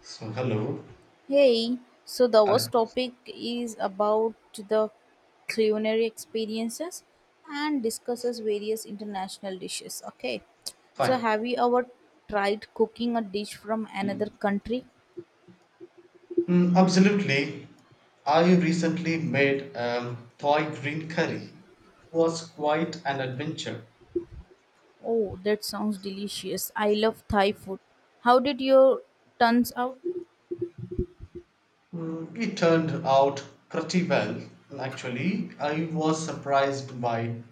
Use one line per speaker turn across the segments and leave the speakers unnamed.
So, hello.
Hey, so the
Hi.
first topic is about the culinary experiences and discusses various international dishes. Okay, so
Fine.
have you ever tried cooking a dish from another country?
Absolutely. I recently made Thai green curry. It was quite an adventure.
Oh, that sounds delicious. I love Thai food. How did your turns out?
It turned out pretty well. Actually, I was surprised by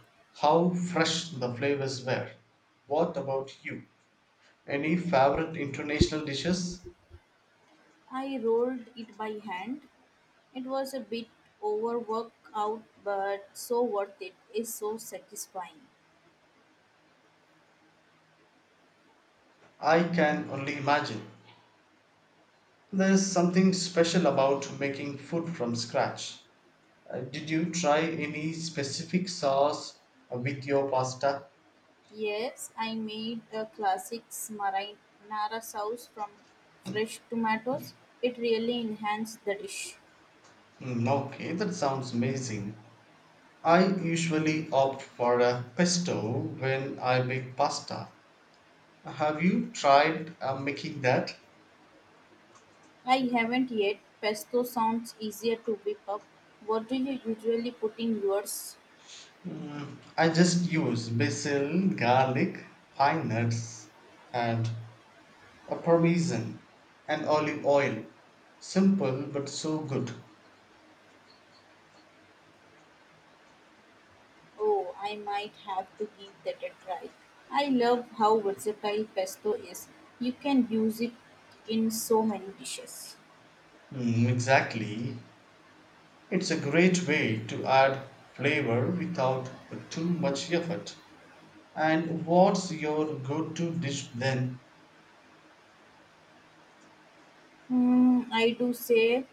how fresh the flavors were. What about you? Any favorite international dishes?
I rolled it by hand. It was a bit overworked out, but so worth it. It's so satisfying.
I can only imagine. There's something special about making food from scratch. Did you try any specific sauce with your pasta?
Yes, I made a classic marinara sauce from fresh tomatoes. It really enhanced the dish.
Okay, that sounds amazing. I usually opt for a pesto when I make pasta. Have you tried making that?
I haven't yet. Pesto sounds easier to whip up. What do you usually put in yours?
I just use basil, garlic, pine nuts, and a parmesan and olive oil. Simple but so good.
Oh, I might have to give that a try. I love how versatile pesto is. You can use it in so many dishes.
Exactly. It's a great way to add flavor without too much effort. And what's your go-to dish then?
Hmm, I do say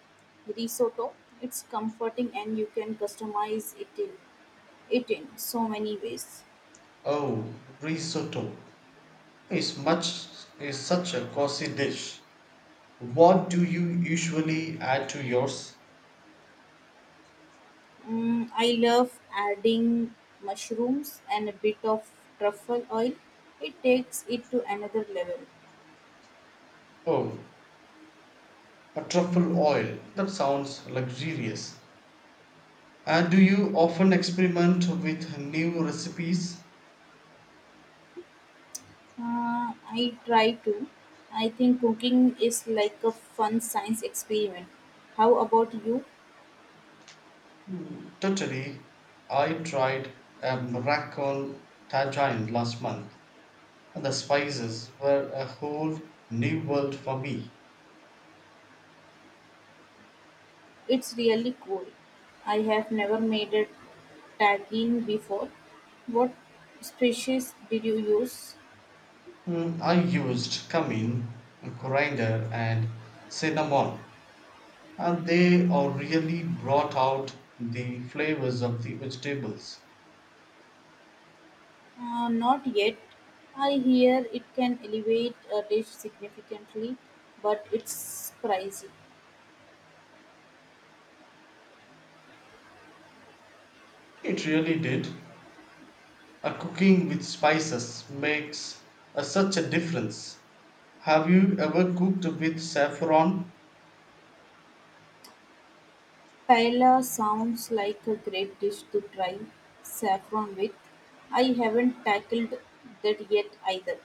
risotto. It's comforting and you can customize it in so many ways.
Oh, risotto is much is such a cozy dish. What do you usually add to yours?
I love adding mushrooms and a bit of truffle oil. It takes it to another level.
Oh, a truffle oil. That sounds luxurious. And do you often experiment with new recipes?
I try to. I think cooking is like a fun science experiment. How about you?
Totally. I tried a Moroccan tagine last month, and the spices were a whole new world for me.
It's really cool. I have never made a tagine before. What species did you use?
I used cumin, coriander, and cinnamon, and they all really brought out the flavors of the vegetables.
Not yet. I hear it can elevate a dish significantly, but it's pricey.
It really did. A cooking with spices makes such a difference. Have you ever cooked with saffron?
Paella sounds like a great dish to try saffron with. I haven't tackled that yet either.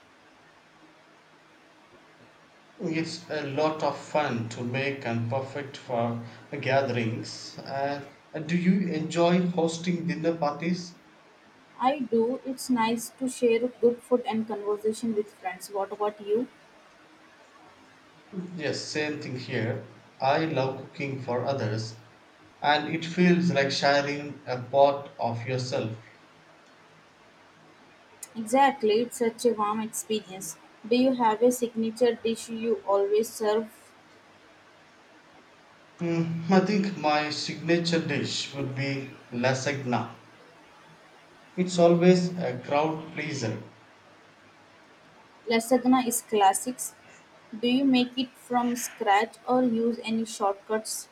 It's a lot of fun to make and perfect for gatherings. And do you enjoy hosting dinner parties?
I do. It's nice to share good food and conversation with friends. What about you?
Yes, same thing here. I love cooking for others, and it feels like sharing a part of yourself.
Exactly. It's such a warm experience. Do you have a signature dish you always serve?
I think my signature dish would be lasagna. It's always a crowd pleaser.
Lasagna is classics. Do you make it from scratch or use any shortcuts?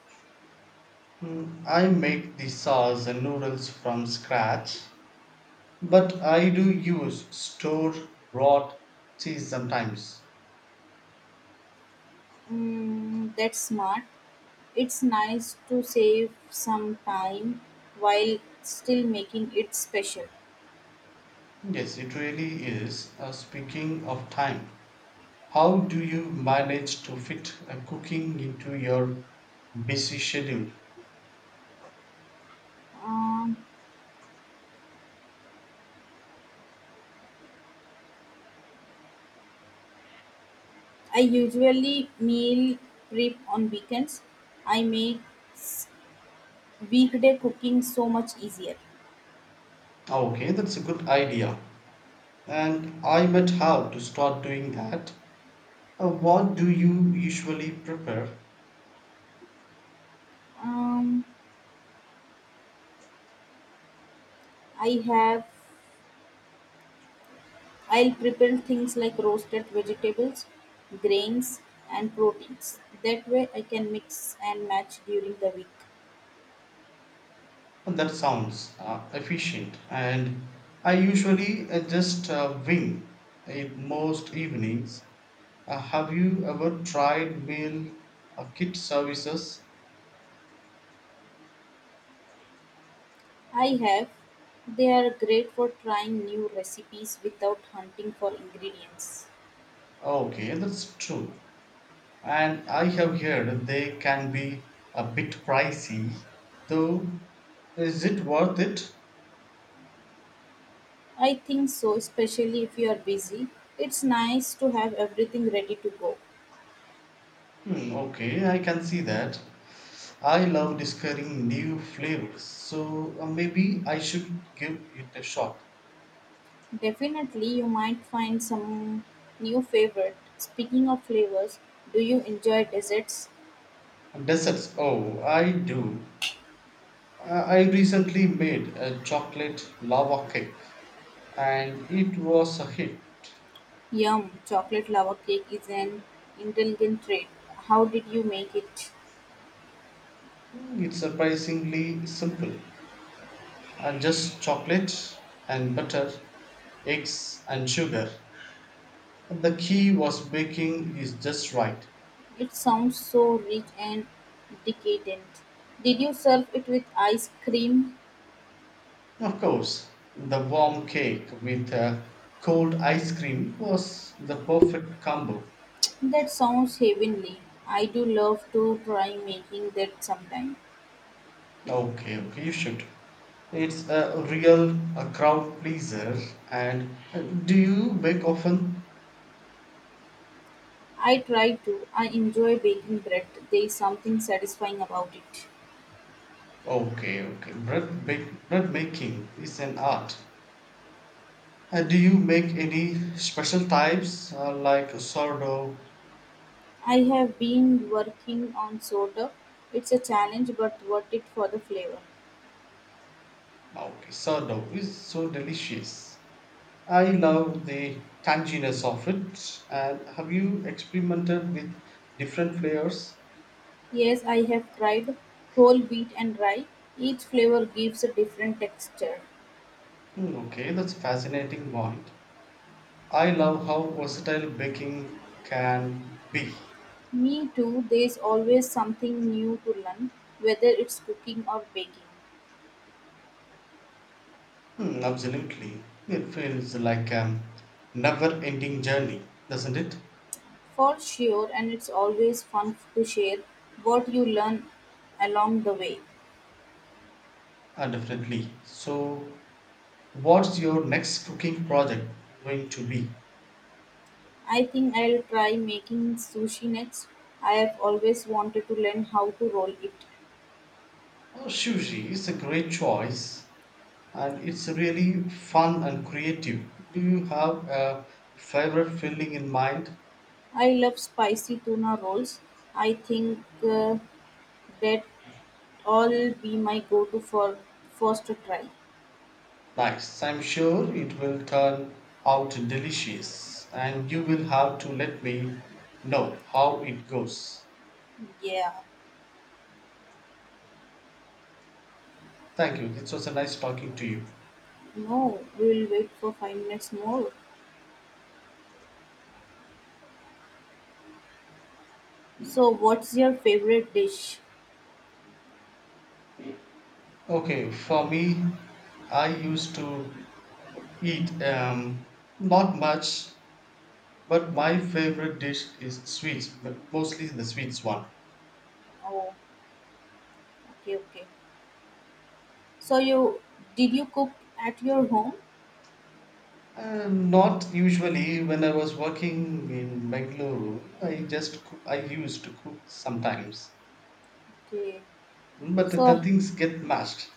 I make the sauce and noodles from scratch, but I do use store bought cheese sometimes.
That's smart. It's nice to save some time while still making it special.
Yes, it really is. Speaking of time, how do you manage to fit cooking into your busy schedule?
Um, I usually meal prep on weekends. I make s- weekday cooking so much easier.
Oh, okay, that's a good idea. And I might have to start doing that. What do you usually prepare?
Um, I have I'll prepare things like roasted vegetables, grains, and proteins. That way I can mix and match during the week.
And that sounds efficient, and I usually just wing it most evenings. Have you ever tried meal kit services?
I have. They are great for trying new recipes without hunting for ingredients.
Okay, that's true. And I have heard they can be a bit pricey, though, is it worth it?
I think so, especially if you are busy. It's nice to have everything ready to go.
Okay, I can see that. I love discovering new flavors, so maybe I should give it a shot.
Definitely, you might find some new favorite. Speaking of flavors, do you enjoy desserts?
Desserts. Oh, I do. I recently made a chocolate lava cake and it was a hit.
Yum! Chocolate lava cake is an intelligent treat. How did you make it?
It's surprisingly simple. Just chocolate and butter, eggs and sugar. The key was baking is just right.
It sounds so rich and decadent. Did you serve it with ice cream?
Of course, the warm cake with cold ice cream was the perfect combo.
That sounds heavenly. I do love to try making that sometime.
Okay, okay, you should. It's a real a crowd pleaser. And do you bake often?
I try to. I enjoy baking bread. There is something satisfying about it.
Okay, okay. Bread making is an art. Do you make any special types like sourdough?
I have been working on sourdough. It's a challenge but worth it for the flavor.
Okay, sourdough is so delicious. I love the tanginess of it. And have you experimented with different flavors?
Yes, I have tried whole wheat and rye. Each flavor gives a different texture.
Okay, that's a fascinating point. I love how versatile baking can be.
Me too, there is always something new to learn, whether it's cooking or baking.
Absolutely. It feels like a never ending journey, doesn't it?
For sure, and it's always fun to share what you learn along the way.
Definitely. So, what's your next cooking project going to be?
I think I'll try making sushi next. I have always wanted to learn how to roll it.
Oh, sushi is a great choice and it's really fun and creative. Do you have a favorite filling in mind?
I love spicy tuna rolls. I think that all be my go-to for first try.
Nice. I'm sure it will turn out delicious, and you will have to let me know how it goes.
Yeah,
Thank you. It was a nice talking to you.
no, we'll wait for 5 minutes more. So, what's your favorite dish?
Okay, for me, I used to eat not much, but my favorite dish is sweets, but mostly the sweets one.
Oh, okay, okay. So you did you cook at your home?
Not usually. When I was working in Bangalore, I used to cook sometimes,
Okay.
but the
So
things get mashed.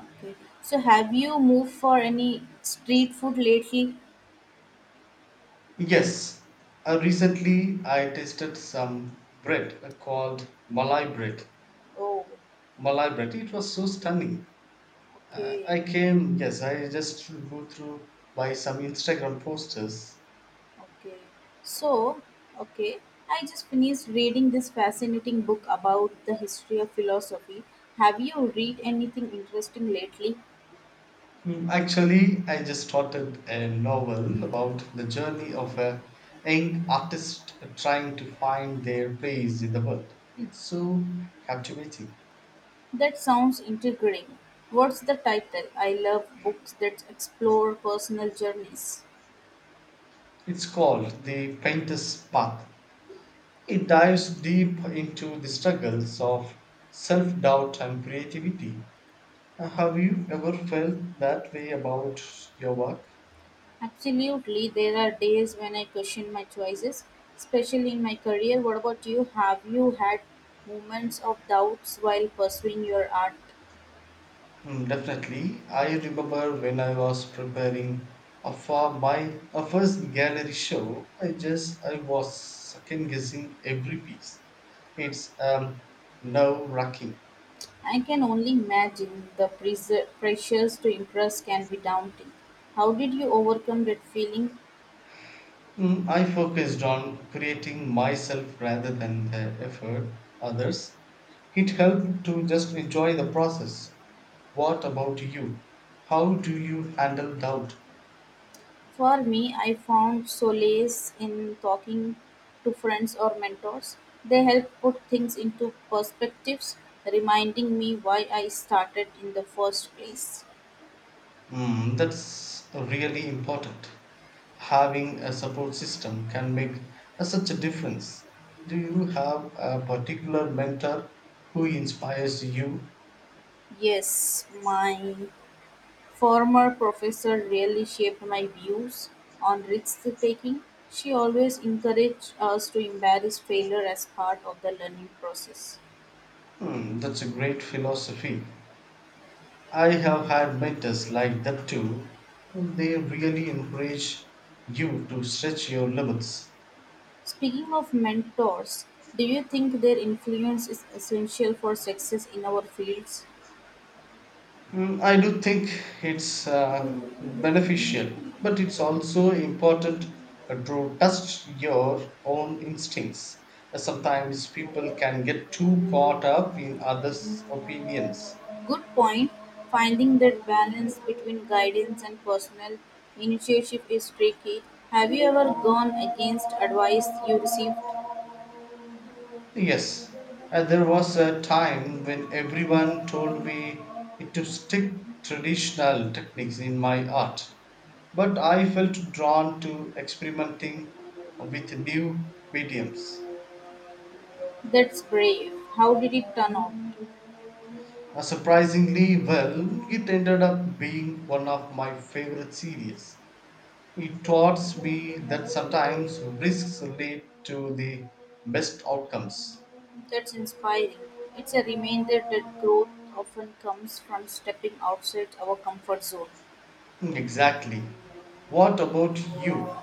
okay. So have you moved for any street food lately?
Yes, recently I tasted some bread called Malai bread.
Oh,
Malai bread, it was so stunning.
okay.
Yes, I just go through by some Instagram posters.
Okay. So, okay, I just finished reading this fascinating book about the history of philosophy. Have you read anything interesting lately?
Actually, I just started a novel about the journey of a young artist trying to find their place in the world. It's so captivating.
That sounds intriguing. What's the title? I love books that explore personal journeys.
It's called The Painter's Path. It dives deep into the struggles of self doubt and creativity. Have you ever felt that way about your work?
Absolutely, there are days when I question my choices, especially in my career. What about you? Have you had moments of doubts while pursuing your art?
Definitely. I remember when I was preparing for my first gallery show, I was second guessing every piece. It's nerve wracking.
I can only imagine the pressures to impress can be daunting. How did you overcome that feeling?
I focused on creating myself rather than the effort others. It helped to just enjoy the process. What about you? How do you handle doubt?
For me, I found solace in talking to friends or mentors. They help put things into perspectives, reminding me why I started in the first place.
That's really important. Having a support system can make such a difference. Do you have a particular mentor who inspires you?
Yes, my former professor really shaped my views on risk-taking; she always encouraged us to embrace failure as part of the learning process.
That's a great philosophy. I have had mentors like that too. They really encourage you to stretch your limits.
Speaking of mentors, do you think their influence is essential for success in our fields?
I do think it's beneficial, but it's also important to trust your own instincts. Sometimes people can get too caught up in others' opinions.
Good point. Finding that balance between guidance and personal initiative is tricky. Have you ever gone against advice you received?
Yes, there was a time when everyone told me to stick traditional techniques in my art, but I felt drawn to experimenting with new mediums.
That's brave. How did it turn out?
Surprisingly well, it ended up being one of my favorite series. It taught me that sometimes risks lead to the best outcomes.
That's inspiring. It's a reminder that growth often comes from stepping outside our comfort zone.
Exactly. What about you?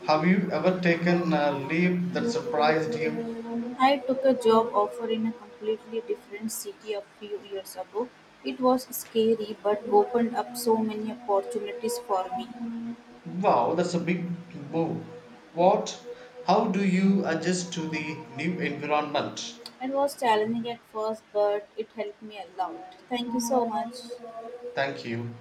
Have you ever taken a leap that surprised you?
I took a job offer in a completely different city a few years ago. It was scary but opened up so many opportunities for me.
Wow, that's a big move. What? How do you adjust to the new environment?
It was challenging at first, but it helped me a lot. Thank you so much.
Thank you.